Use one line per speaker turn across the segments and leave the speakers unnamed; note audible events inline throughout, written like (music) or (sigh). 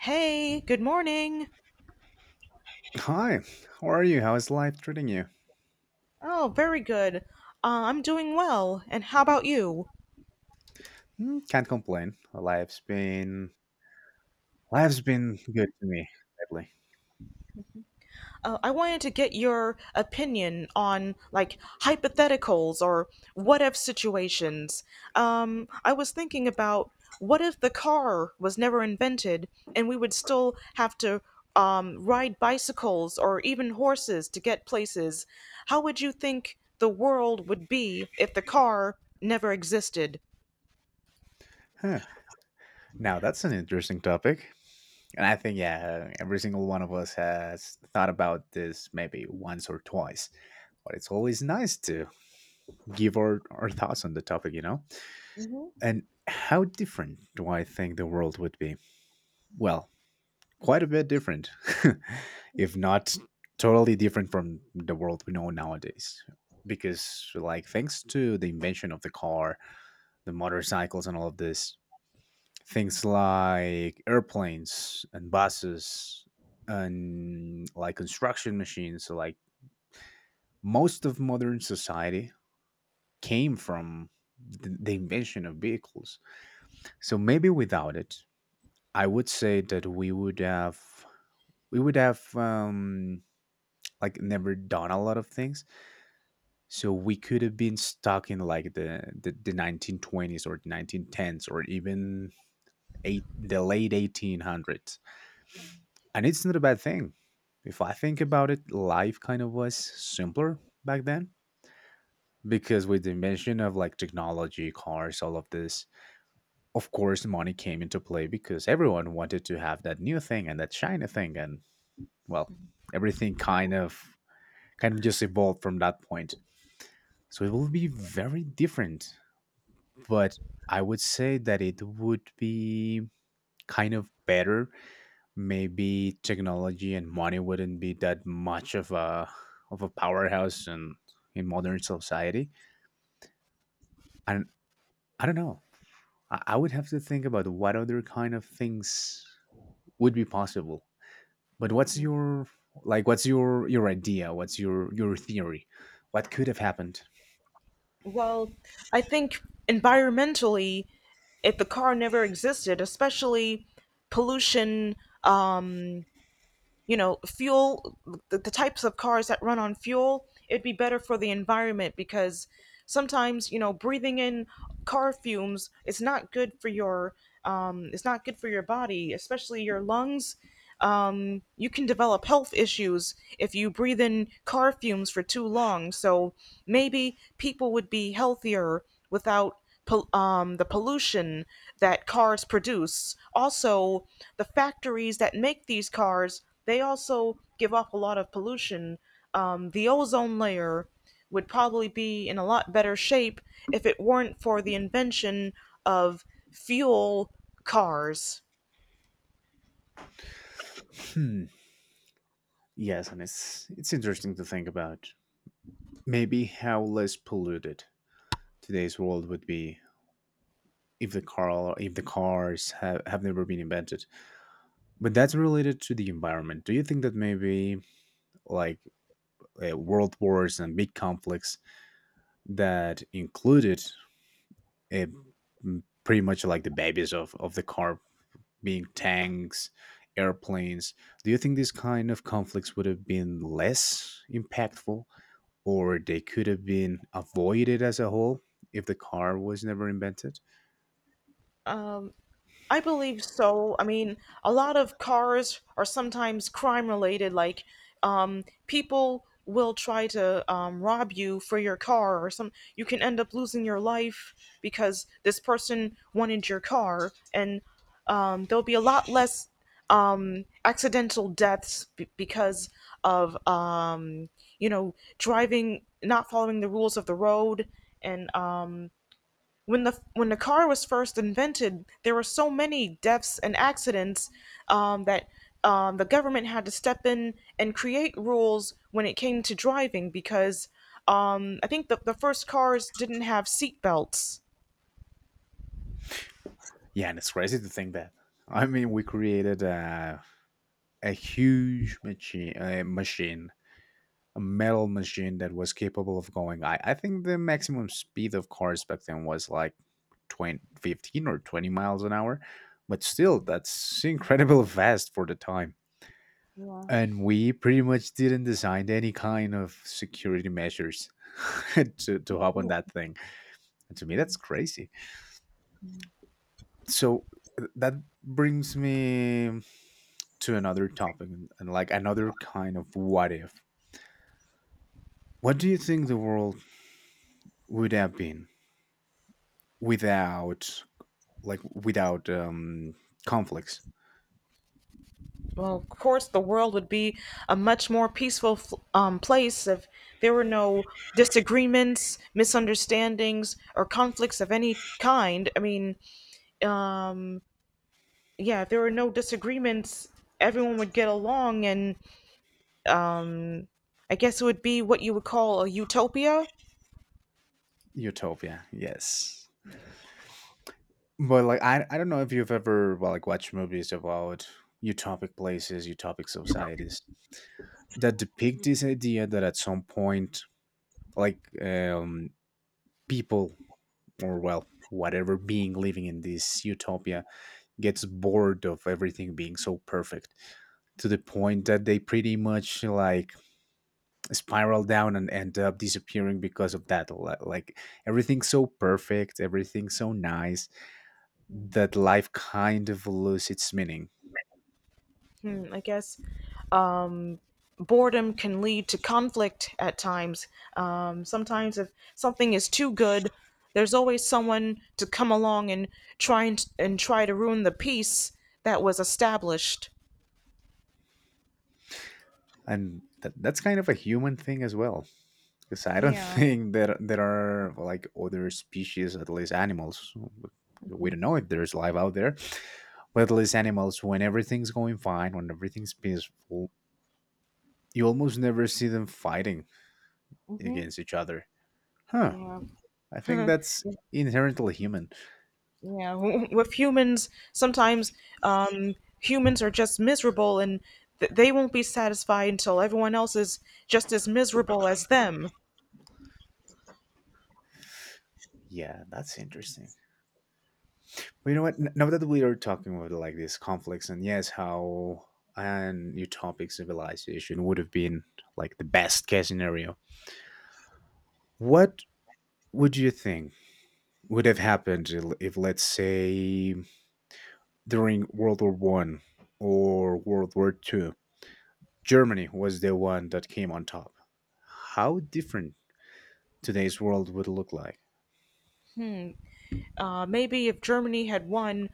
Hey, good morning.
Hi, how are you? How is life treating you?
Oh, very good. I'm doing well. And how about you?
Hmm, can't complain. Life's been good to me lately.
I wanted to get your opinion on like hypotheticals or what if situations. I was thinking about what if the car was never invented and we would still have to ride bicycles or even horses to get places. How would you think the world would be if the car never existed?
Huh. Now that's an interesting topic, and I think, yeah, every single one of us has thought about this maybe once or twice. But it's always nice to give our thoughts on the topic. And how different do I think the world would be? Well, quite a bit different, (laughs) if not totally different from the world we know nowadays. Because, like, thanks to the invention of the car, the motorcycles, and all of this, things like airplanes and buses and like construction machines, so, like, most of modern society came from the invention of vehicles. So, maybe without it, I would say that we would have like never done a lot of things, so we could have been stuck in like the 1920s or the 1910s, or even the late 1800s. And it's not a bad thing, if I think about it. Life kind of was simpler back then, because with the invention of like technology, cars, all of this, of course money came into play, because everyone wanted to have that new thing and that shiny thing. And, well, everything kind of just evolved from that point. So it will be very different, but I would say that it would be kind of better. Maybe technology and money wouldn't be that much of a powerhouse in modern society. And I don't know. I would have to think about what other kind of things would be possible. But what's your idea? What's your theory? What could have happened?
Well, I think environmentally, if the car never existed, especially pollution, um, you know, fuel, the types of cars that run on fuel, it'd be better for the environment because sometimes, you know, breathing in car fumes is not good for your, it's not good for your body, especially your lungs. You can develop health issues if you breathe in car fumes for too long. So maybe people would be healthier without the pollution that cars produce. Also, the factories that make these cars, they also give off a lot of pollution. The ozone layer would probably be in a lot better shape if it weren't for the invention of fuel cars.
Hmm. Yes, and it's interesting to think about maybe how less polluted today's world would be if the car if the cars have never been invented. But that's related to the environment. Do you think that maybe, like, world wars and big conflicts that included, uh, pretty much like the babies of the car, being tanks, airplanes, do you think these kind of conflicts would have been less impactful, or they could have been avoided as a whole if the car was never invented?
I believe so. I mean, a lot of cars are sometimes crime related. Like, people will try to rob you for your car, or some. You can end up losing your life because this person wanted your car, and there'll be a lot less accidental deaths because of you know driving, not following the rules of the road, and when the car was first invented, there were so many deaths and accidents that the government had to step in and create rules when it came to driving because I think the first cars didn't have seat belts.
Yeah, and it's crazy to think that. I mean, we created a huge machine, a machine, a metal machine that was capable of going. I think the maximum speed of cars back then was like 20, 15, or 20 miles an hour, but still, that's incredible fast for the time. And we pretty much didn't design any kind of security measures (laughs) to hop on that thing. And to me, that's crazy. So that brings me to another topic and, like, another kind of what if. What do you think the world would have been without like without um conflicts?
Well, of course, the world would be a much more peaceful place if there were no disagreements, misunderstandings, or conflicts of any kind. I mean, um, yeah, if there were no disagreements, everyone would get along, and I guess it would be what you would call a utopia.
Utopia, yes. But, like, I don't know if you've ever, well, like, watched movies about utopic places, utopic societies that depict this idea that at some point, like, people, or, well, whatever being living in this utopia, gets bored of everything being so perfect, to the point that they pretty much like spiral down and end up disappearing because of that. Like everything's so perfect, everything's so nice, that life kind of loses its meaning.
Hmm, I guess um, boredom can lead to conflict at times. Sometimes, if something is too good, there's always someone to come along and try and try to ruin the peace that was established.
And that's kind of a human thing as well, because I don't (laughs)
Yeah,
think that there are, like, other species, at least animals. We don't know if there's life out there, but at least animals, when everything's going fine, when everything's peaceful, you almost never see them fighting against each other. Huh.
yeah.
I think that's inherently human.
Yeah, with humans, sometimes humans are just miserable and they won't be satisfied until everyone else is just as miserable as them.
Yeah, that's interesting. But, you know what? Now that we are talking about like these conflicts, and, yes, how an utopic civilization would have been like the best case scenario, what would you think would have happened if, let's say, during World War I or World War II, Germany was the one that came on top? How different today's world would look like?
Maybe if Germany had won,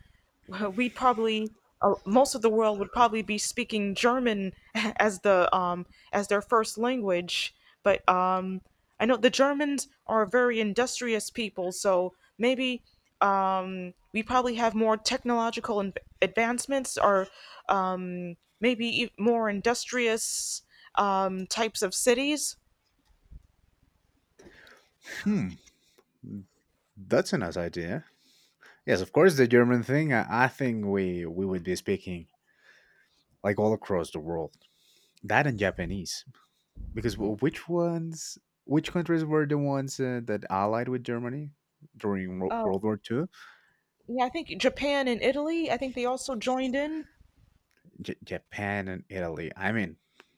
(laughs) we probably most of the world would probably be speaking German (laughs) as the as their first language. But I know the Germans are a very industrious people, so maybe we probably have more technological advancements or maybe more industrious types of cities.
Hmm, that's a nice idea. Yes, of course, the German thing. I think we would be speaking like all across the world. That and Japanese, because which countries were the ones, that allied with Germany during
Oh,
World War II?
yeah, I think Japan and Italy, I think they also joined in.
Japan and Italy. I mean,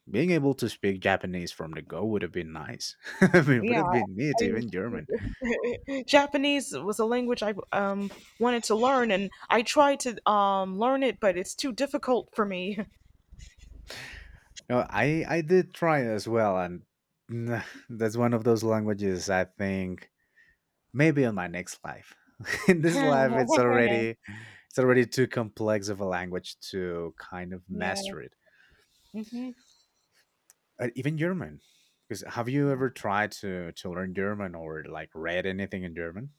being able to speak Japanese from the go would have been nice. (laughs) I mean, it would
Yeah,
have been neat, even German.
I (laughs) Japanese was a language I wanted to learn, and I tried to learn it, but it's too difficult for me.
No, I did try as well, and (sighs) nah, that's one of those languages I think maybe in my next life. (laughs) In this life,
(laughs)
it's already too complex of a language to kind of
Yeah.
master it.
hmm
Even German. Because have you ever tried to learn German or, like, read anything in German?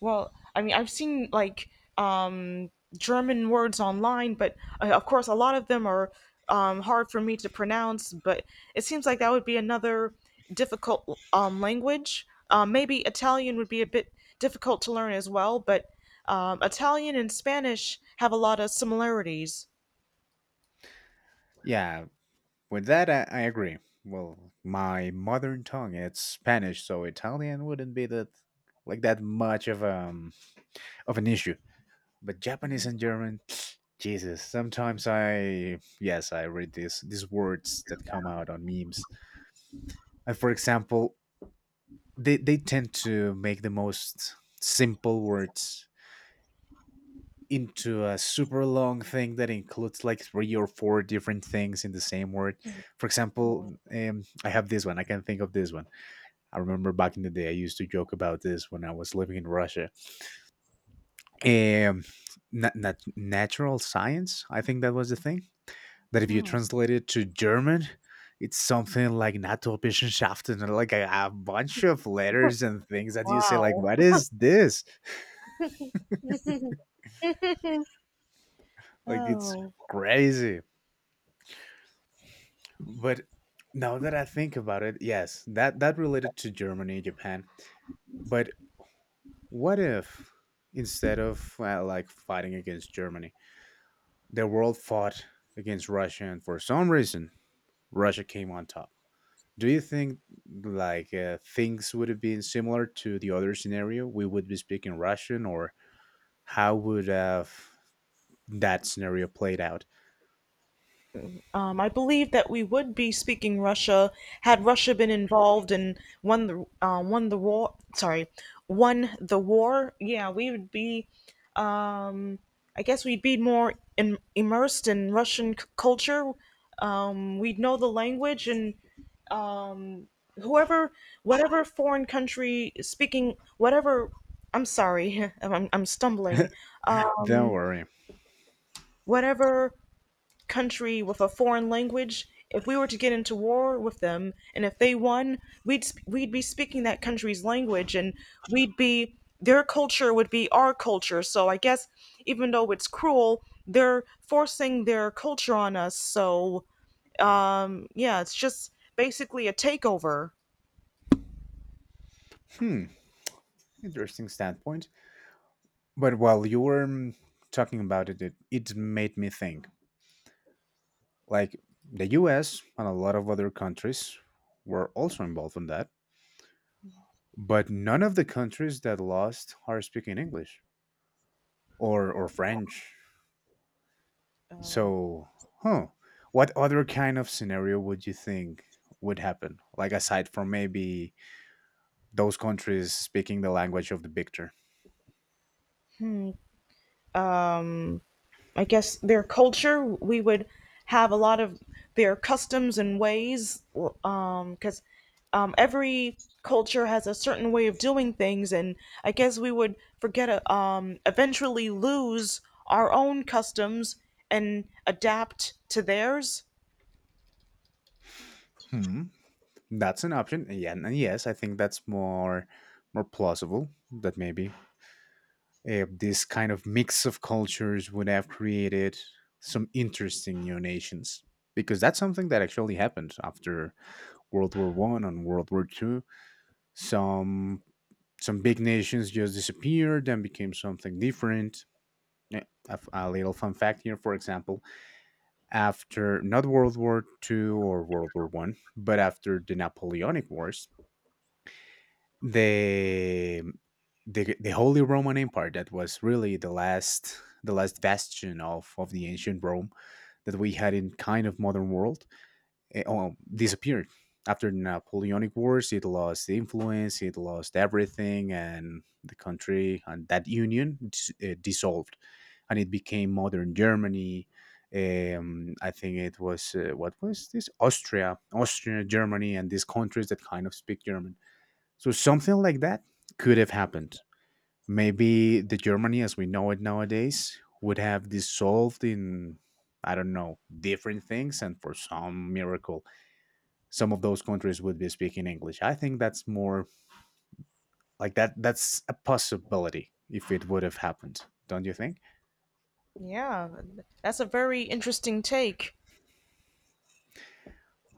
Well, I mean, I've seen like um, German words online, but of course, a lot of them are hard for me to pronounce. But it seems like that would be another difficult language. Maybe Italian would be a bit difficult to learn as well, but Italian and Spanish have a lot of similarities.
Yeah, with that, I agree. Well, my mother tongue it's Spanish, so Italian wouldn't be that like that much of an issue. But Japanese and German, (sniffs) Jesus, sometimes I yes, I read these words that come out on memes. And for example, they tend to make the most simple words into a super long thing that includes like three or four different things in the same word. For example, I have this one. I can think of this one. I remember back in the day, I used to joke about this when I was living in Russia. Um, Natural science, I think that was the thing. That, if you
Oh,
translate it to German, it's something like Naturwissenschaften, and, like, a bunch of letters and things that you say, like,
wow.
what is this?
(laughs) Wow.
Like, it's crazy. But now that I think about it, yes, that related to Germany, Japan. But what if, instead of, like fighting against Germany, the world fought against Russia, and for some reason, Russia came on top? Do you think, like, things would have been similar to the other scenario? We would be speaking Russian, or how would have that scenario played out?
I believe that we would be speaking Russia had Russia been involved and won the war. Sorry, won the war. Yeah, we would be. Um, I guess we'd be more im immersed in Russian culture. We'd know the language and whoever, whatever foreign country speaking, whatever. I'm sorry, (laughs) I'm stumbling.
Don't worry.
Whatever country with a foreign language, if we were to get into war with them and if they won, we'd be speaking that country's language and we'd be their culture would be our culture. So I guess even though it's cruel, they're forcing their culture on us. So yeah, it's just basically a takeover.
Hmm, interesting standpoint. But while you were talking about it, made me think, like, the US and a lot of other countries were also involved in that. But none of the countries that lost are speaking English or French. So, huh, what other kind of scenario would you think would happen? Like, aside from maybe those countries speaking the language of the victor?
I guess their culture. We would have a lot of their customs and ways, because every culture has a certain way of doing things, and I guess we would forget, eventually lose our own customs and adapt to theirs.
Hmm. That's an option. Yeah, and yes, I think that's more plausible, that maybe, this kind of mix of cultures would have created some interesting new nations, because that's something that actually happened after World War 1 and World War 2. Some some big nations just disappeared and became something different. Yeah, a little fun fact here, for example, after, not World War 2 or World War 1, but after the Napoleonic Wars, the the Holy Roman Empire, that was really the last bastion of the ancient Rome that we had in kind of modern world, disappeared after the Napoleonic Wars. It lost influence, it lost everything, and the country and that union dissolved, and it became modern Germany. I think it was, what was this? Austria, Germany, and these countries that kind of speak German, so something like that could have happened. Maybe the Germany as we know it nowadays would have dissolved in, I don't know, different things, and for some miracle, some of those countries would be speaking English. I think that's more like that's a possibility if it would have happened. Don't you think?
Yeah, that's a very interesting take.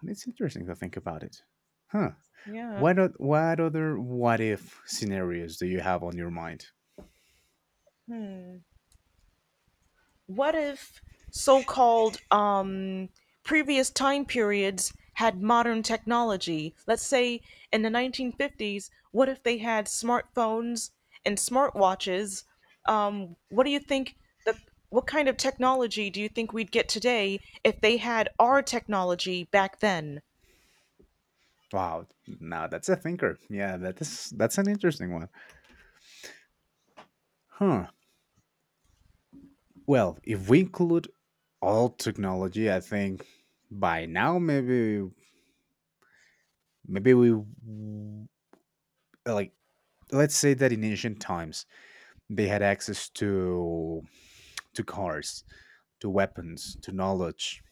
And it's interesting to think about it. Huh.
Yeah.
What what other what if scenarios do you have on your mind?
What if so-called previous time periods had modern technology? Let's say in the 1950s, what if they had smartphones and smartwatches? What do you think the what kind of technology do you think we'd get today if they had our technology back then?
Wow, now that's a thinker. Yeah, that's an interesting one. Huh. Well, if we include all technology, I think by now, maybe like let's say that in ancient times they had access to cars, to weapons, to knowledge,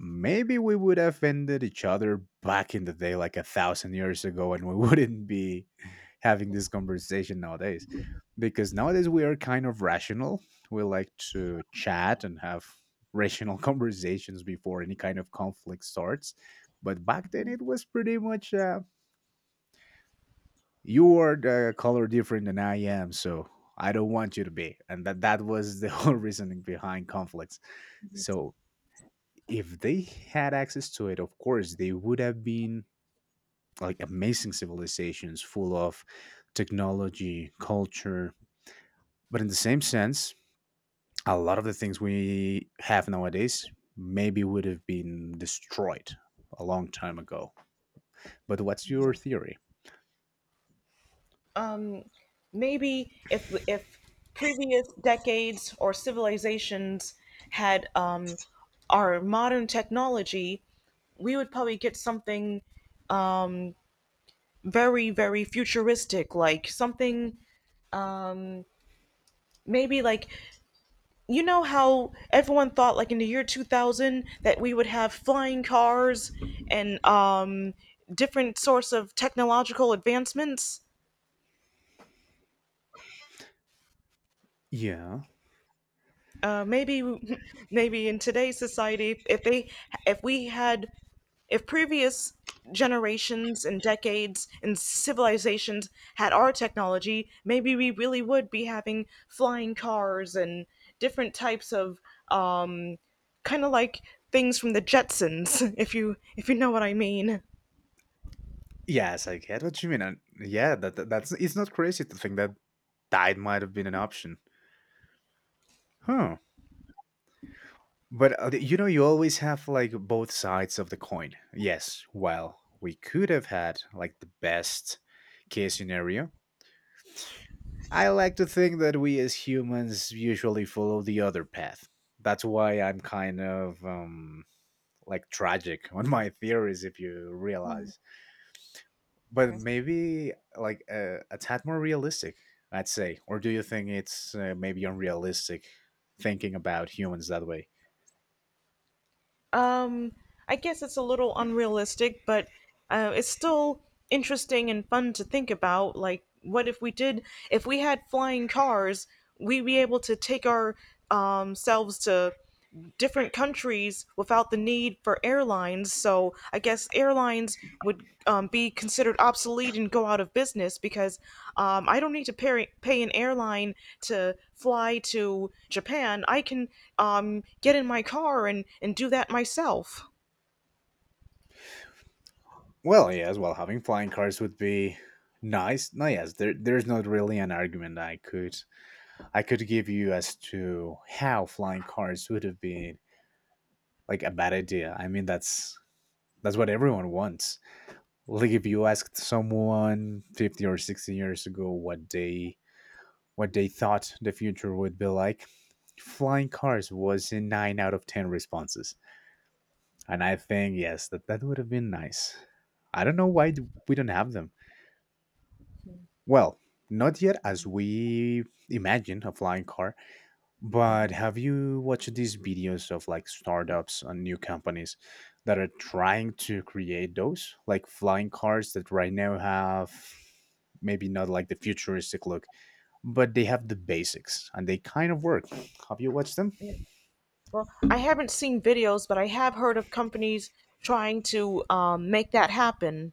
maybe we would have ended each other back in the day, like a thousand years ago, and we wouldn't be (laughs) having this conversation nowadays. Because nowadays we are kind of rational. We like to chat and have rational (laughs) conversations before any kind of conflict starts. But back then it was pretty much, you are the color different than I am, so I don't want you to be. And that was the (laughs) whole reasoning behind conflicts. So if they had access to it, of course, they would have been like amazing civilizations full of technology, culture. But in the same sense, a lot of the things we have nowadays maybe would have been destroyed a long time ago. But what's your theory?
um, Maybe if previous decades or civilizations had our modern technology, we would probably get something very, very futuristic, like something maybe like you know how everyone thought like in the year 2000 that we would have flying cars and different sorts of technological advancements.
Yeah.
Maybe (laughs) maybe in today's society if we had if previous generations and decades and civilizations had our technology, maybe we really would be having flying cars and different types of um, kind of like things from the Jetsons. (laughs) If you know what I mean.
Yes, I get what you mean. And yeah, that, that that's it's not crazy to think that diet might have been an option. Huh. But you know, you always have like both sides of the coin. Yes, well, we could have had like the best case scenario. I like to think that we as humans usually follow the other path. That's why I'm kind of like tragic (laughs) on my theories, if you realize. But maybe like a tad more realistic, I'd say. Or do you think it's maybe unrealistic thinking about humans that way?
Um, I guess it's a little unrealistic, but it's still interesting and fun to think about. Like, what if we did, if we had flying cars, we'd be able to take our selves to different countries without the need for airlines. So I guess airlines would be considered obsolete and go out of business because I don't need to pay an airline to fly to Japan. I can get in my car and do that myself.
Well, yes. Well, having flying cars would be nice. No, yes. There's not really an argument I could give you as to how flying cars would have been like a bad idea. I mean, that's what everyone wants. Like if you asked someone 50 or 60 years ago what they thought the future would be like, flying cars was in 9 out of 10 responses. And I think yes, that would have been nice. I don't know why we don't have them. Well, not yet as we imagine a flying car, but have you watched these videos of like startups and new companies that are trying to create those like flying cars that right now have maybe not like the futuristic look, but they have the basics and they kind of work. Have you watched them?
Well, I haven't seen videos, but I have heard of companies trying to make that happen.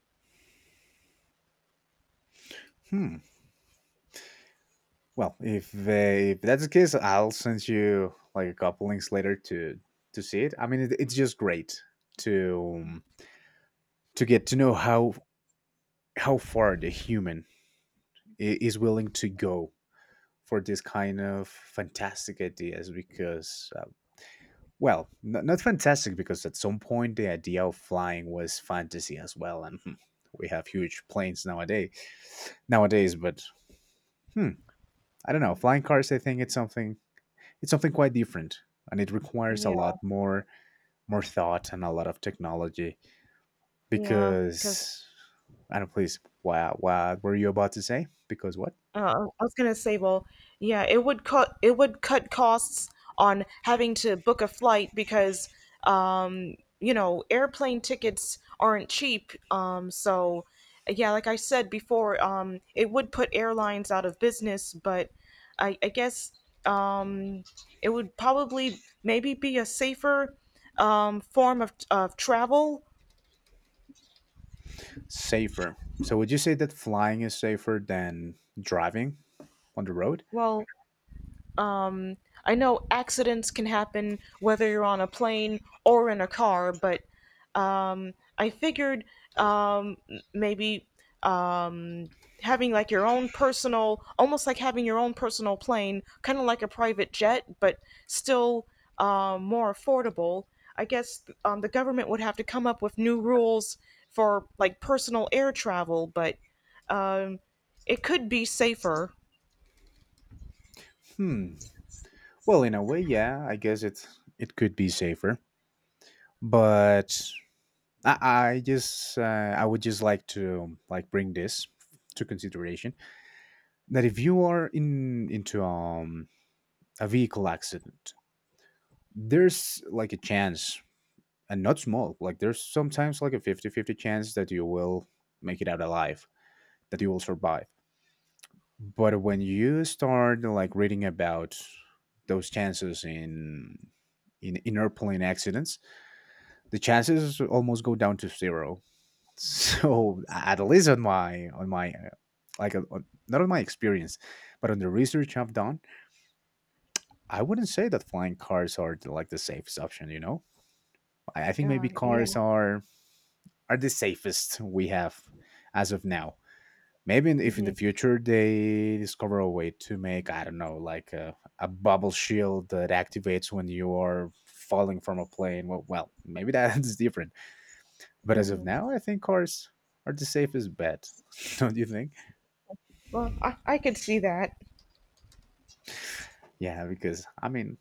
Hmm. Well, if that's the case, I'll send you like a couple links later to see it. I mean, it's just great to um, to get to know how far the human is willing to go for this kind of fantastic ideas because well not fantastic because at some point the idea of flying was fantasy as well and we have huge planes nowadays but hmm, I don't know, flying cars, I think it's something quite different and it requires a
Yeah,
lot more more thought and a lot of technology
yeah, because
because I don't please wow, what were you about to say, because what?
Uh, I was gonna say, well, yeah, it would cut costs on having to book a flight because you know airplane tickets aren't cheap. So yeah, like I said before, it would put airlines out of business, but I guess um, it would probably maybe be a safer form of travel.
Safer. So would you say that flying is safer than driving on the road?
Well, Um, I know accidents can happen whether you're on a plane or in a car, but um, I figured maybe um, having like your own personal, almost like having your own personal plane, kind of like a private jet, but still more affordable. I guess the government would have to come up with new rules for like personal air travel, but um, it could be safer.
Hmm. Well, in a way, yeah. I guess it could be safer, but I, I just uh, I would just like to like bring this to consideration that if you are in into a vehicle accident, there's like a chance, and not small. Like there's sometimes like a 50-50 chance that you will make it out alive, that you will survive. But when you start like reading about those chances in in airplane accidents, the chances almost go down to zero. (laughs) So at least on my not on my experience, but on the research I've done, I wouldn't say that flying cars are like the safest option. You know, I think maybe
Yeah.
cars are the safest we have as of now. Maybe if in the future they discover a way to make, I don't know, like a bubble shield that activates when you are falling from a plane. Well maybe that's (laughs) different. But as of now, I think cars are the safest bet. (laughs) Don't you think?
Well, I could see that.
Yeah, because, I mean,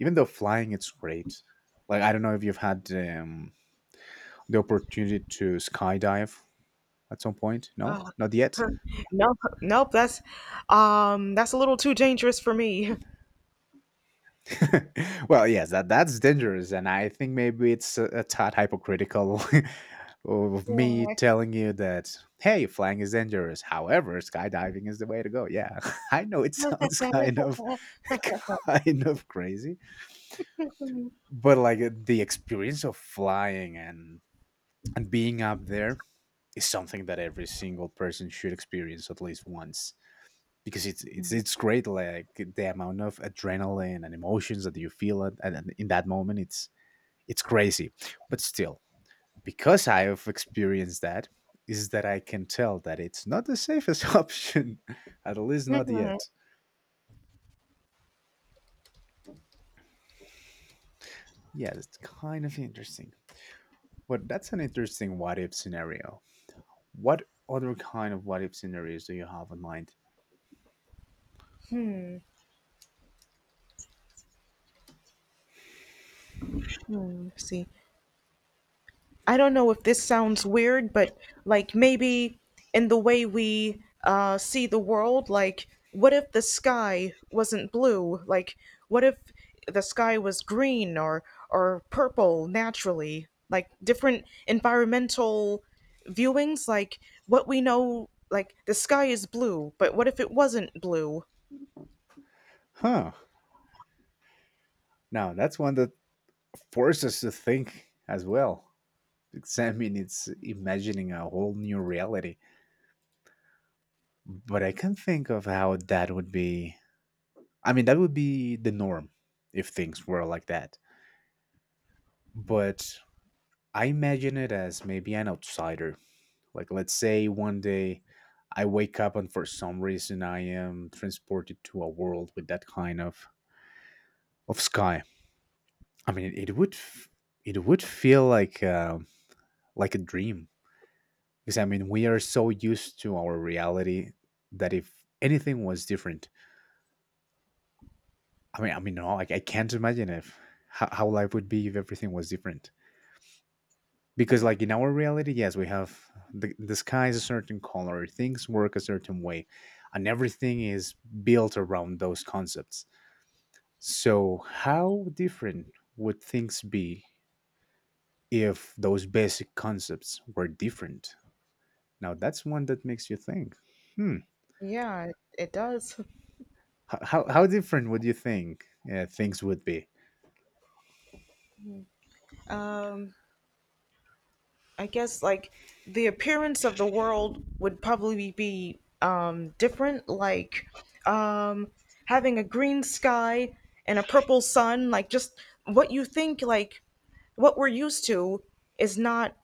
even though flying, it's great. Like, I don't know if you've had the opportunity to skydive at some point. No, not yet.
Nope, nope. That's a little too dangerous for me.
(laughs) Well, yes, that that's dangerous, and I think maybe it's a tad hypocritical (laughs) of me
Yeah.
telling you that hey, flying is dangerous. However, skydiving is the way to go. Yeah, (laughs) I know it sounds kind of (laughs) kind of crazy, but like the experience of flying and being up there is something that every single person should experience at least once because it's great, like the amount of adrenaline and emotions that you feel in that moment, it's crazy. But still, because I have experienced that, is that I can tell that it's not the safest (laughs) option, at least not yet.
(laughs)
Yeah, that's kind of interesting. But that's an interesting what if scenario. What other kind of what if scenarios do you have in mind?
See, I don't know if this sounds weird, but like maybe in the way we see the world, like what if the sky wasn't blue? Like what if the sky was green or purple naturally? Like different environmental viewings, like what we know, like the sky is blue, but what if it wasn't blue?
Huh. Now, that's one that forces us to think as well. I mean, it's imagining a whole new reality. But I can think of how that would be. I mean, that would be the norm if things were like that. But I imagine it as maybe an outsider. Like, let's say one day I wake up and for some reason I am transported to a world with that kind of sky. I mean, it would it would feel like a dream because I mean we are so used to our reality that if anything was different, no, like I can't imagine if how, how life would be if everything was different. Because like in our reality, yes, we have the sky is a certain color, things work a certain way and everything is built around those concepts. So how different would things be if those basic concepts were different? Now that's one that makes you think. Hmm.
Yeah, it does. (laughs)
How different would you think things would be?
Um, I guess like the appearance of the world would probably be different, like um, having a green sky and a purple sun. Like just what you think, like what we're used to, is not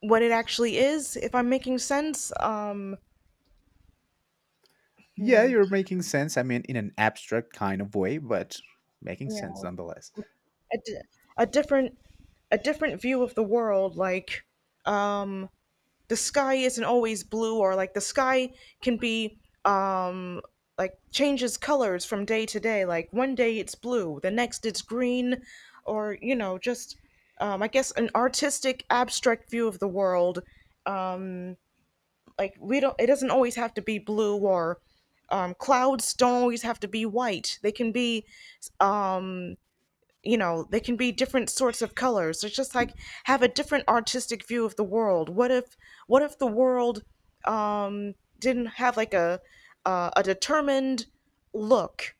what it actually is. If I'm making sense,
Yeah, you're making sense, I mean in an abstract kind of way, but making
you
sense
know,
nonetheless.
a, di- a different a different view of the world, like um, the sky isn't always blue or like the sky can be um like changes colors from day to day, like one day it's blue, the next it's green, or you know just I guess an artistic abstract view of the world, like we don't it doesn't always have to be blue or clouds don't always have to be white, they can be you know they can be different sorts of colors, it's just like have a different artistic view of the world. What if the world didn't have like a determined look.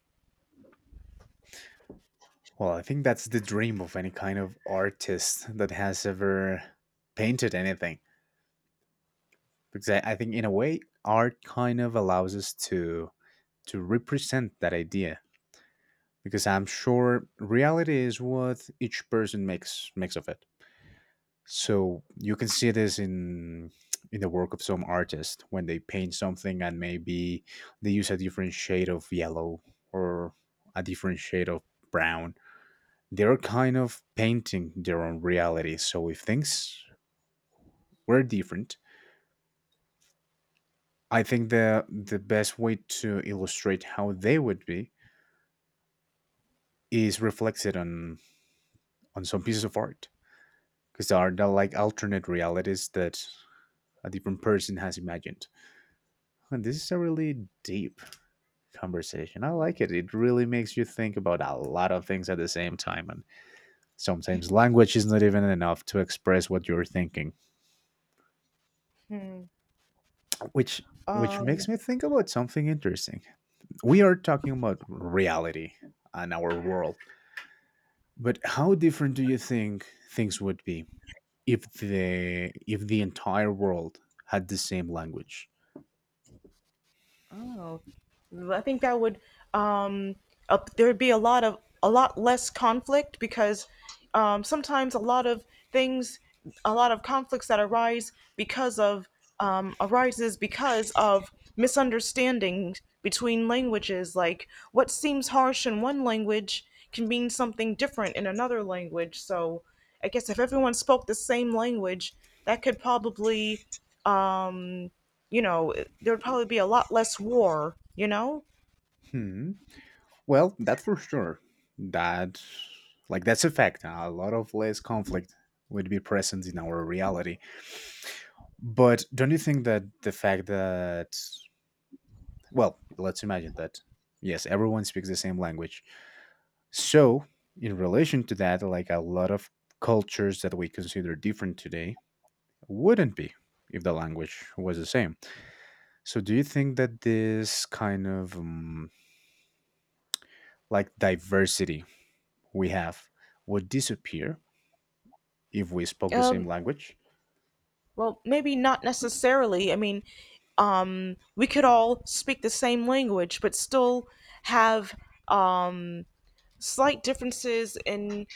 Well, I think that's the dream of any kind of artist that has ever painted anything. Because I think, in a way, art kind of allows us to represent that idea. Because I'm sure reality is what each person makes of it. So you can see this in the work of some artists when they paint something and maybe they use a different shade of yellow or a different shade of brown. They're kind of painting their own reality. So if things were different, I think the best way to illustrate how they would be is reflected on some pieces of art because there are like alternate realities that a different person has imagined. And this is a really deep conversation. I like it. It really makes you think about a lot of things at the same time and sometimes language is not even enough to express what you're thinking, which which
um
makes me think about something interesting. We are talking about reality and our world, but how different do you think things would be if the entire world had the same language?
Oh, well, I think that would um up there would be a lot less conflict because sometimes things a lot of conflicts that arise because of um arises because of misunderstandings between languages, like what seems harsh in one language can mean something different in another language. So I guess if everyone spoke the same language, that could probably um, you know, there would probably be a lot less war, you know?
Hmm. Well, that for sure, that like that's a fact, a lot of less conflict would be present in our reality. But don't you think that the fact that, well, let's imagine that, yes, everyone speaks the same language. So, in relation to that, like a lot of cultures that we consider different today wouldn't be if the language was the same. So, do you think that this kind of like diversity we have would disappear if we spoke the same
Um,
language?
well, maybe not necessarily. I mean, we could all speak the same language, but still have um, slight differences in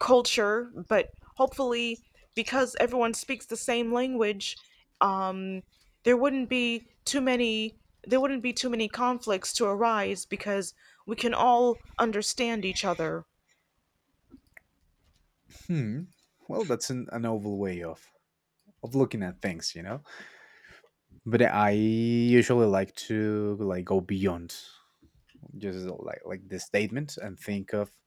culture, but hopefully, because everyone speaks the same language, um, there wouldn't be too many there wouldn't be too many conflicts to arise because we can all understand each other.
Hmm. Well, that's an novel way of looking at things, you know. But I usually like to like go beyond just this statement and think of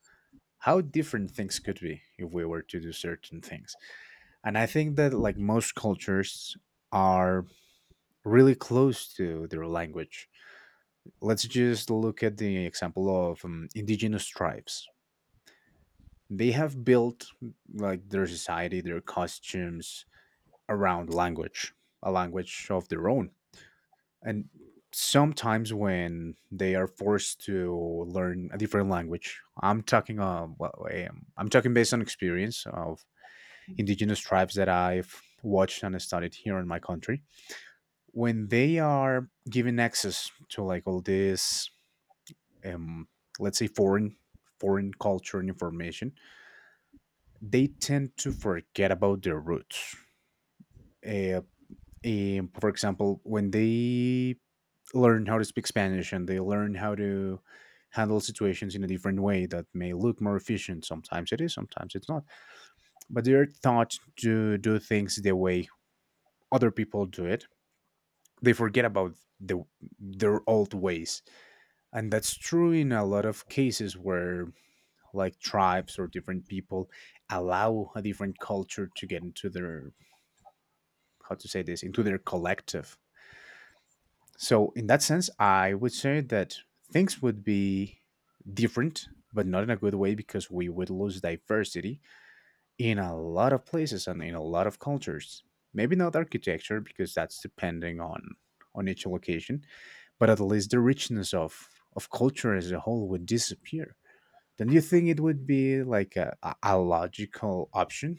how different things could be if we were to do certain things. And I think that like most cultures are really close to their language. Let's just look at the example of indigenous tribes. They have built like their society, their costumes around language, a language of their own. And sometimes when they are forced to learn a different language, I'm talking well, I'm talking based on experience of indigenous tribes that I've watched and studied here in my country, when they are given access to like all this, um, let's say foreign foreign culture and information, they tend to forget about their roots. Uh, for example, when they learn how to speak Spanish and they learn how to handle situations in a different way that may look more efficient. Sometimes it is, sometimes it's not. But they're taught to do things the way other people do it, they forget about their old ways. And that's true in a lot of cases where like tribes or different people allow a different culture to get into their, how to say this, into their collective. So in that sense I would say that things would be different, but not in a good way because we would lose diversity in a lot of places and in a lot of cultures. Maybe not architecture because that's depending on each location, but at least the richness of culture as a whole would disappear. Don't you think it would be like logical option?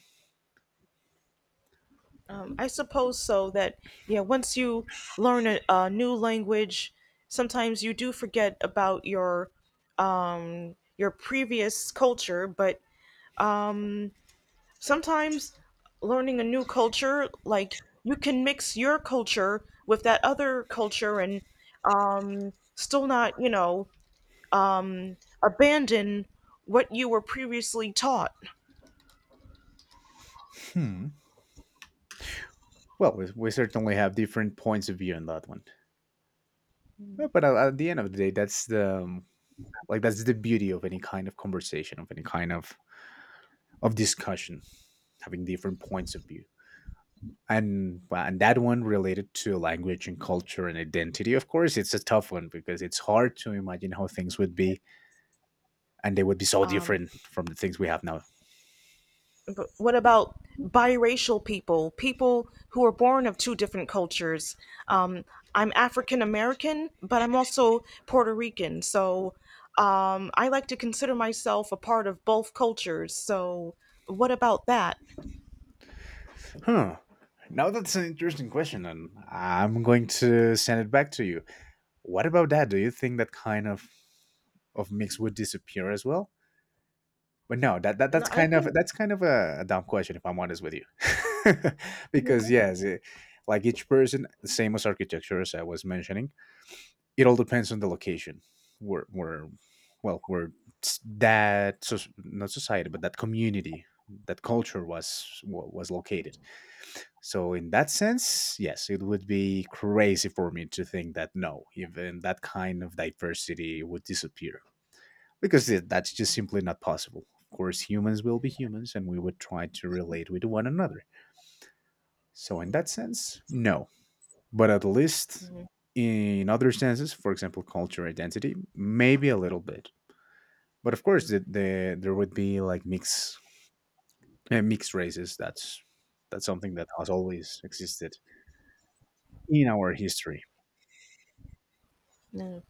I suppose so. That Yeah, once you learn a new language, sometimes you do forget about your your previous culture. But um, sometimes learning a new culture, like you can mix your culture with that other culture and still not, um, abandon what you were previously taught.
Hmm. Well, we certainly have different points of view on that one. Well, but at the end of the day, that's the like that's the beauty of any kind of conversation, of any kind of discussion, having different points of view. And, well, and that one related to language and culture and identity. Of course, it's a tough one because it's hard to imagine how things would be, and they would be so
Um,
different from the things we have now.
But what about biracial people, people who are born of two different cultures? Um, I'm African American, but I'm also Puerto Rican. So I like to consider myself a part of both cultures. So what about that?
Huh. Now that's an interesting question, and I'm going to send it back to you. What about that? Do you think that kind of mix would disappear as well? But no, that's
No, I
kind of
think.
a, dumb question if I'm honest with you, (laughs) because yes, it, like each person, the same as architecture as I was mentioning, it all depends on the location where where where, not society but that community, that culture was located. So in that sense, yes, it would be crazy for me to think that no, even that kind of diversity would disappear, because that's just simply not possible. Of course, humans will be humans, and we would try to relate with one another. So in that sense, no. But at least in other senses, for example, culture identity, maybe a little bit. But of course, there would be like mixed races. That's something that has always existed in our history,
No.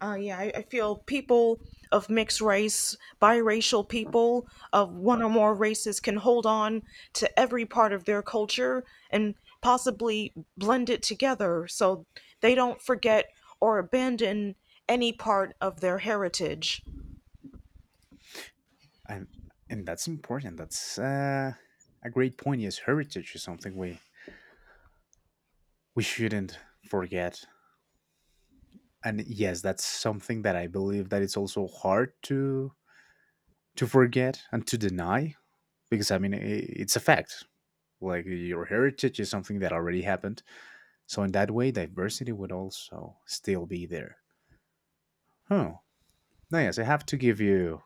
Yeah, I feel people of mixed race, biracial people of one or more races can hold on to every part of their culture and possibly blend it together so they don't forget or abandon any part of their heritage.
and and that's important. That's a great point. Yes, heritage is something we shouldn't forget. And yes, that's something that I believe that it's also hard to forget and to deny, because I mean, it's a fact. Like, your heritage is something that already happened. So in that way, diversity would also still be there. Huh. No, yes, I have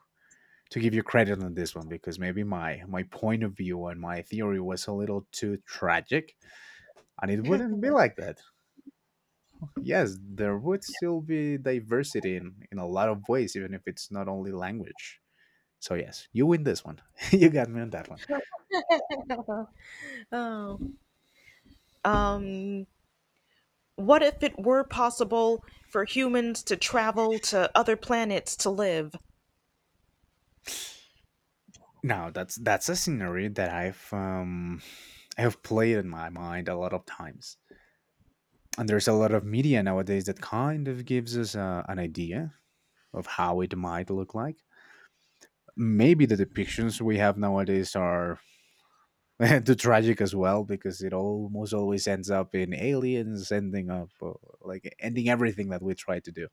to give you credit on this one, because maybe my point of view and my theory was a little too tragic, and it wouldn't be like that. Yes, there would still be diversity in a lot of ways, even if it's not only language. So yes, you win this one. (laughs) You got me on that one.
Oh. Um, what if it were possible for humans to travel to other planets to live?
Now that's a scenario that I've played in my mind a lot of times, and there's a lot of media nowadays that kind of gives us an idea of how it might look like. Maybe the depictions we have nowadays are (laughs) too tragic as well, because it almost always ends up in aliens ending up like ending everything that we try to do.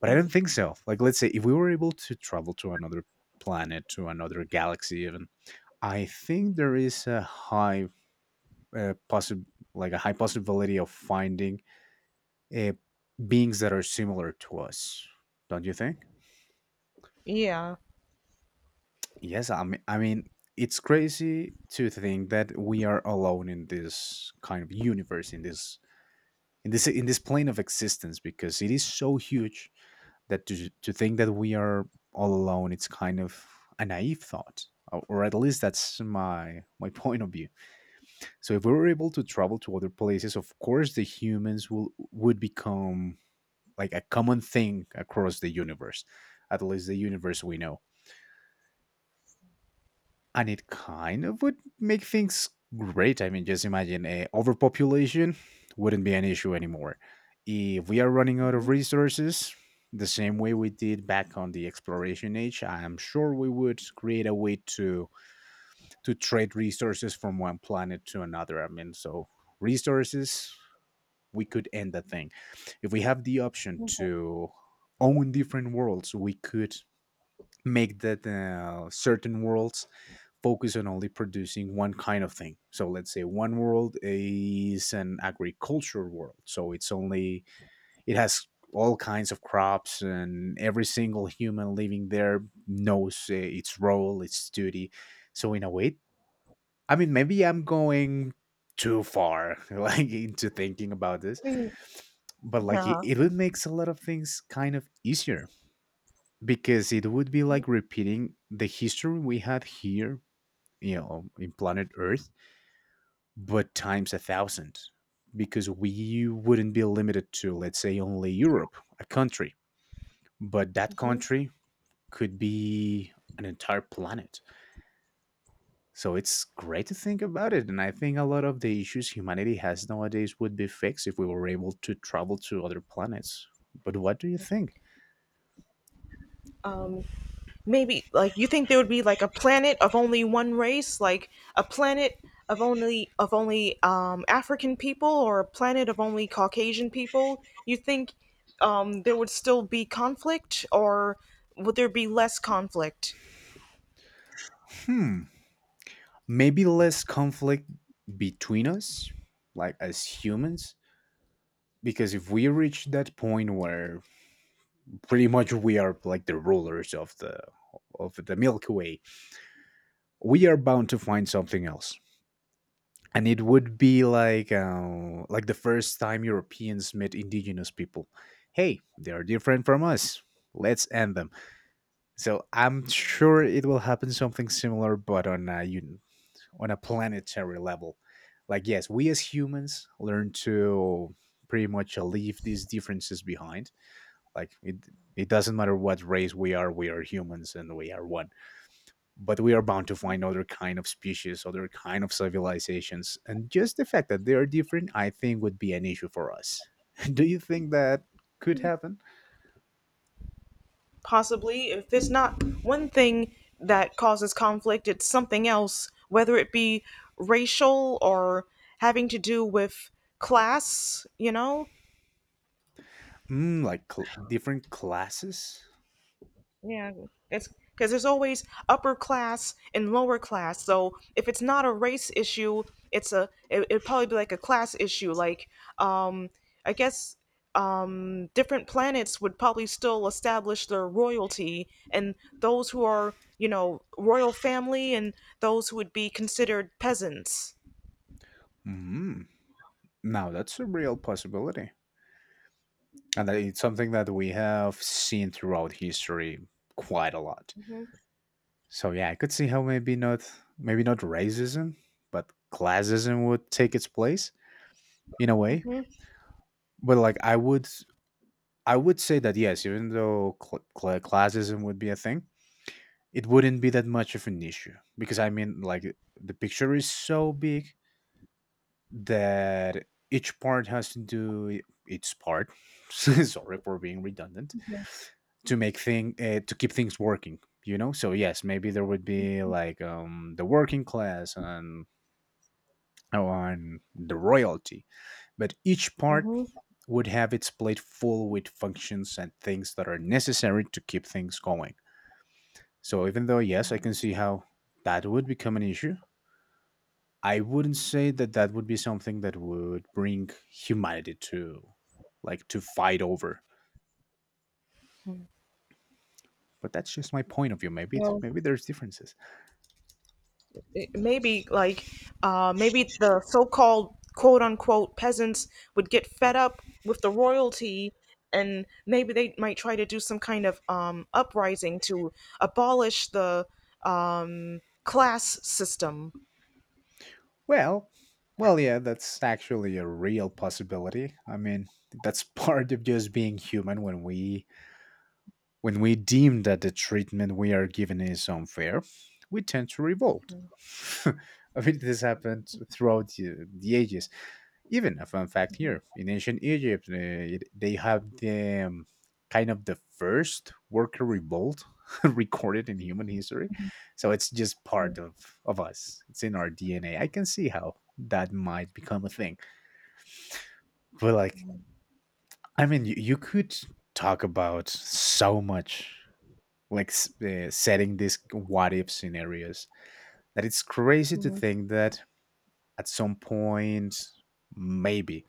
But I don't think so. Like, let's say if we were able to travel to another planet, to another galaxy, even, I think there is uh, possi- a high possibility of finding uh, beings that are similar to us, don't you think?
Yeah.
Yes, I mean, it's crazy to think that we are alone in this kind of universe, in this plane of existence, because it is so huge that to think that we are all alone, it's kind of a naive thought, or at least that's my (laughs) point of view. So if we were able to travel to other places, of course, the humans will would become like a common thing across the universe, at least the universe we know. And it kind of would make things great. I mean, just imagine, overpopulation wouldn't be an issue anymore. If we are running out of
Mhm.
resources, the same way we did back on the exploration age, I am sure we would create a way to trade resources from one planet to another. I mean, so resources, we could end the thing. If we have the option to own different worlds, we could make that certain worlds focus on only producing one kind of thing. So let's say one world is an agriculture world. So it has all kinds of crops, and every single human living there knows its role, its duty. So in a way, I mean, maybe I'm going too far (laughs) like into thinking about this, but like it,
Yeah.
it would makes a lot of things kind of easier, because it would be like repeating the history we had here, you know, in planet Earth, but times a thousand, because we wouldn't be limited to, let's say, only Europe, a country, but that country could be an entire planet. So it's great to think about it. And I think a lot of the issues humanity has nowadays would be fixed if we were able to travel to other planets. But what do you think?
Um. Maybe like you think there would be like a planet of only one race, like a planet of only African people or a planet of only Caucasian people. You think there would still be conflict or would there be less conflict?
Hmm. Maybe less conflict between us, like as humans, because if we reach that point where pretty much we are like the rulers of the Milky Way, we are bound to find something else. And it would be like the first time Europeans met indigenous people. Hey, they are different from us. Let's end them. So I'm sure it will happen something similar, but on a planetary level. Like, yes, we as humans learn to pretty much leave these differences behind. Like, it doesn't matter what race we are humans and we are one. But we are bound to find other kind of species, other kind of civilizations. And just the fact that they are different, I think, would be an issue for us. (laughs) Do you think that could happen?
Possibly. If there's not one thing that causes conflict, it's something else, whether it be racial or having to do with class, you know?
Mm, like different classes?
Yeah, it's because there's always upper class and lower class. So if it's not a race issue, it'd probably be like a class issue. Like, um, I guess different planets would probably still establish their royalty, and those who are royal family and those who would be considered peasants.
Mm, now that's a real possibility. And that it's something that we have seen throughout history quite a lot. So yeah, I could see how maybe not racism, but classism would take its place in a way. But like, I would say that yes, even though classism would be a thing, it wouldn't be that much of an issue, because I mean, like, the picture is so big that each part has to do its part. (laughs) Sorry for being redundant, to keep things working. You know, so yes, maybe there would be like the working class and on the royalty, but each part
Mm-hmm.
would have its plate full with functions and things that are necessary to keep things going. So even though yes, I can see how that would become an issue, I wouldn't say that that would be something that would bring humanity to fight over. But that's just my point of view. Maybe there's differences.
maybe like Maybe the so-called quote unquote peasants would get fed up with the royalty, and maybe they might try to do some kind of uprising to abolish the class system.
Well, well, yeah, that's actually a real possibility. I mean, that's (laughs) part of just being human. When we deem that the treatment we are given is unfair, we tend to revolt. (laughs) I mean, this happened throughout the ages. Even a fun fact, here in ancient Egypt, they have the kind of the first worker revolt (laughs) recorded in human history. So it's just part of us, it's in our DNA. I can see how that might become a thing. But, like, I mean, you could talk about so much, like setting these what if scenarios, that it's crazy to
Mhm.
think that at some point, maybe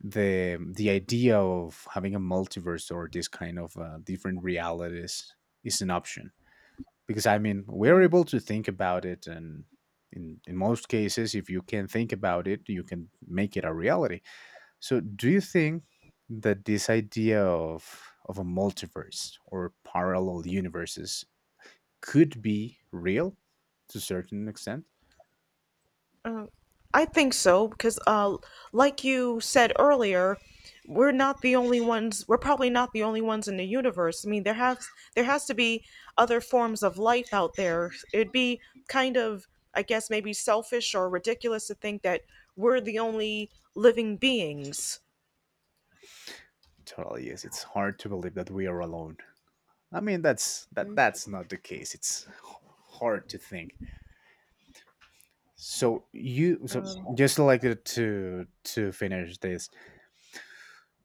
the idea of having a multiverse or this kind of different realities is an option, because I mean, we're able to think about it, and in most cases, if you can think about it, you can make it a reality. So do you think that this idea of a multiverse or parallel universes could be real to a certain extent?
I think so because, like you said earlier, we're not the only ones. We're probably not the only ones in the universe. I mean, there has to be other forms of life out there. It'd be kind of, I guess, maybe selfish or ridiculous to think that we're the only living beings.
Totally, yes, it's hard to believe that we are alone. I mean, that's not the case. It's hard to think. So you so
Um,
just like to finish this.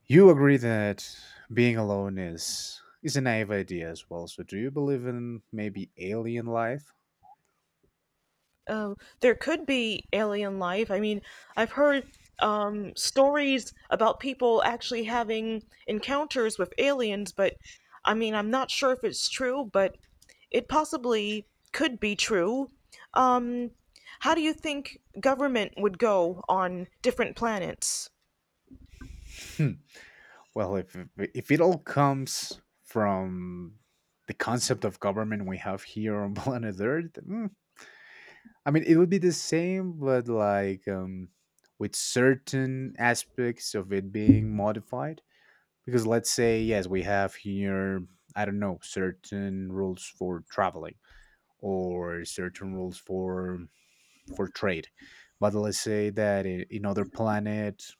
You agree that being alone is a naive idea as well. So do you believe in maybe alien life?
Oh, there could be alien life. I mean, I've heard stories about people actually having encounters with aliens, but I mean, I'm not sure if it's true, but it possibly could be true. Um, how do you think government would go on different planets?
Hmm. Well, if it all comes from the concept of government we have here on (laughs) planet Earth, I mean, it would be the same, but like with certain aspects of it being modified. Because let's say, yes, we have here, I don't know, certain rules for traveling or certain rules for trade. But let's say that in other planet,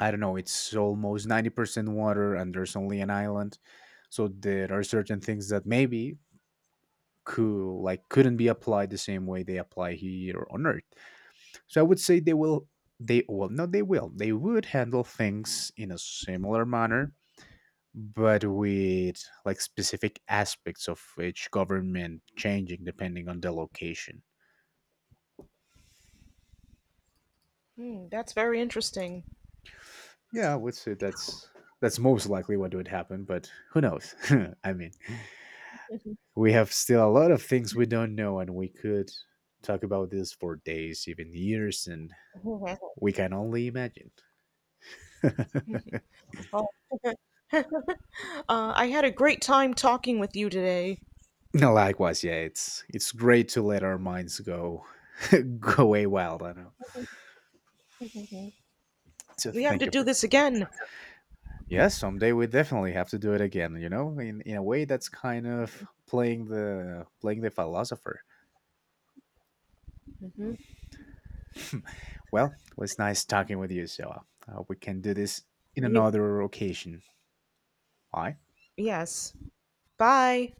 I don't know, it's almost 90% water and there's only an island. So there are certain things that maybe couldn't be applied the same way they apply here on Earth. So I would say they will they well no, they would handle things in a similar manner, but with like specific aspects of each government changing depending on the location.
Hmm, that's very interesting.
Yeah, I would say that's most likely what would happen, but who knows? (laughs) I mean, we have still a lot of things we don't know, and we could talk about this for days, even years, and
(laughs)
we can only imagine. (laughs)
Well, I had a great time talking with you today.
Likewise, yeah, it's great to let our minds go (laughs) go way wild. I know. So
We have
thank
to
you
do
for.
this again.
Yes, someday we definitely have to do it again, in a way that's kind of playing the philosopher. (laughs) Well, it was nice talking with you, so we can do this in
You,
another occasion. Bye.
yes. Bye.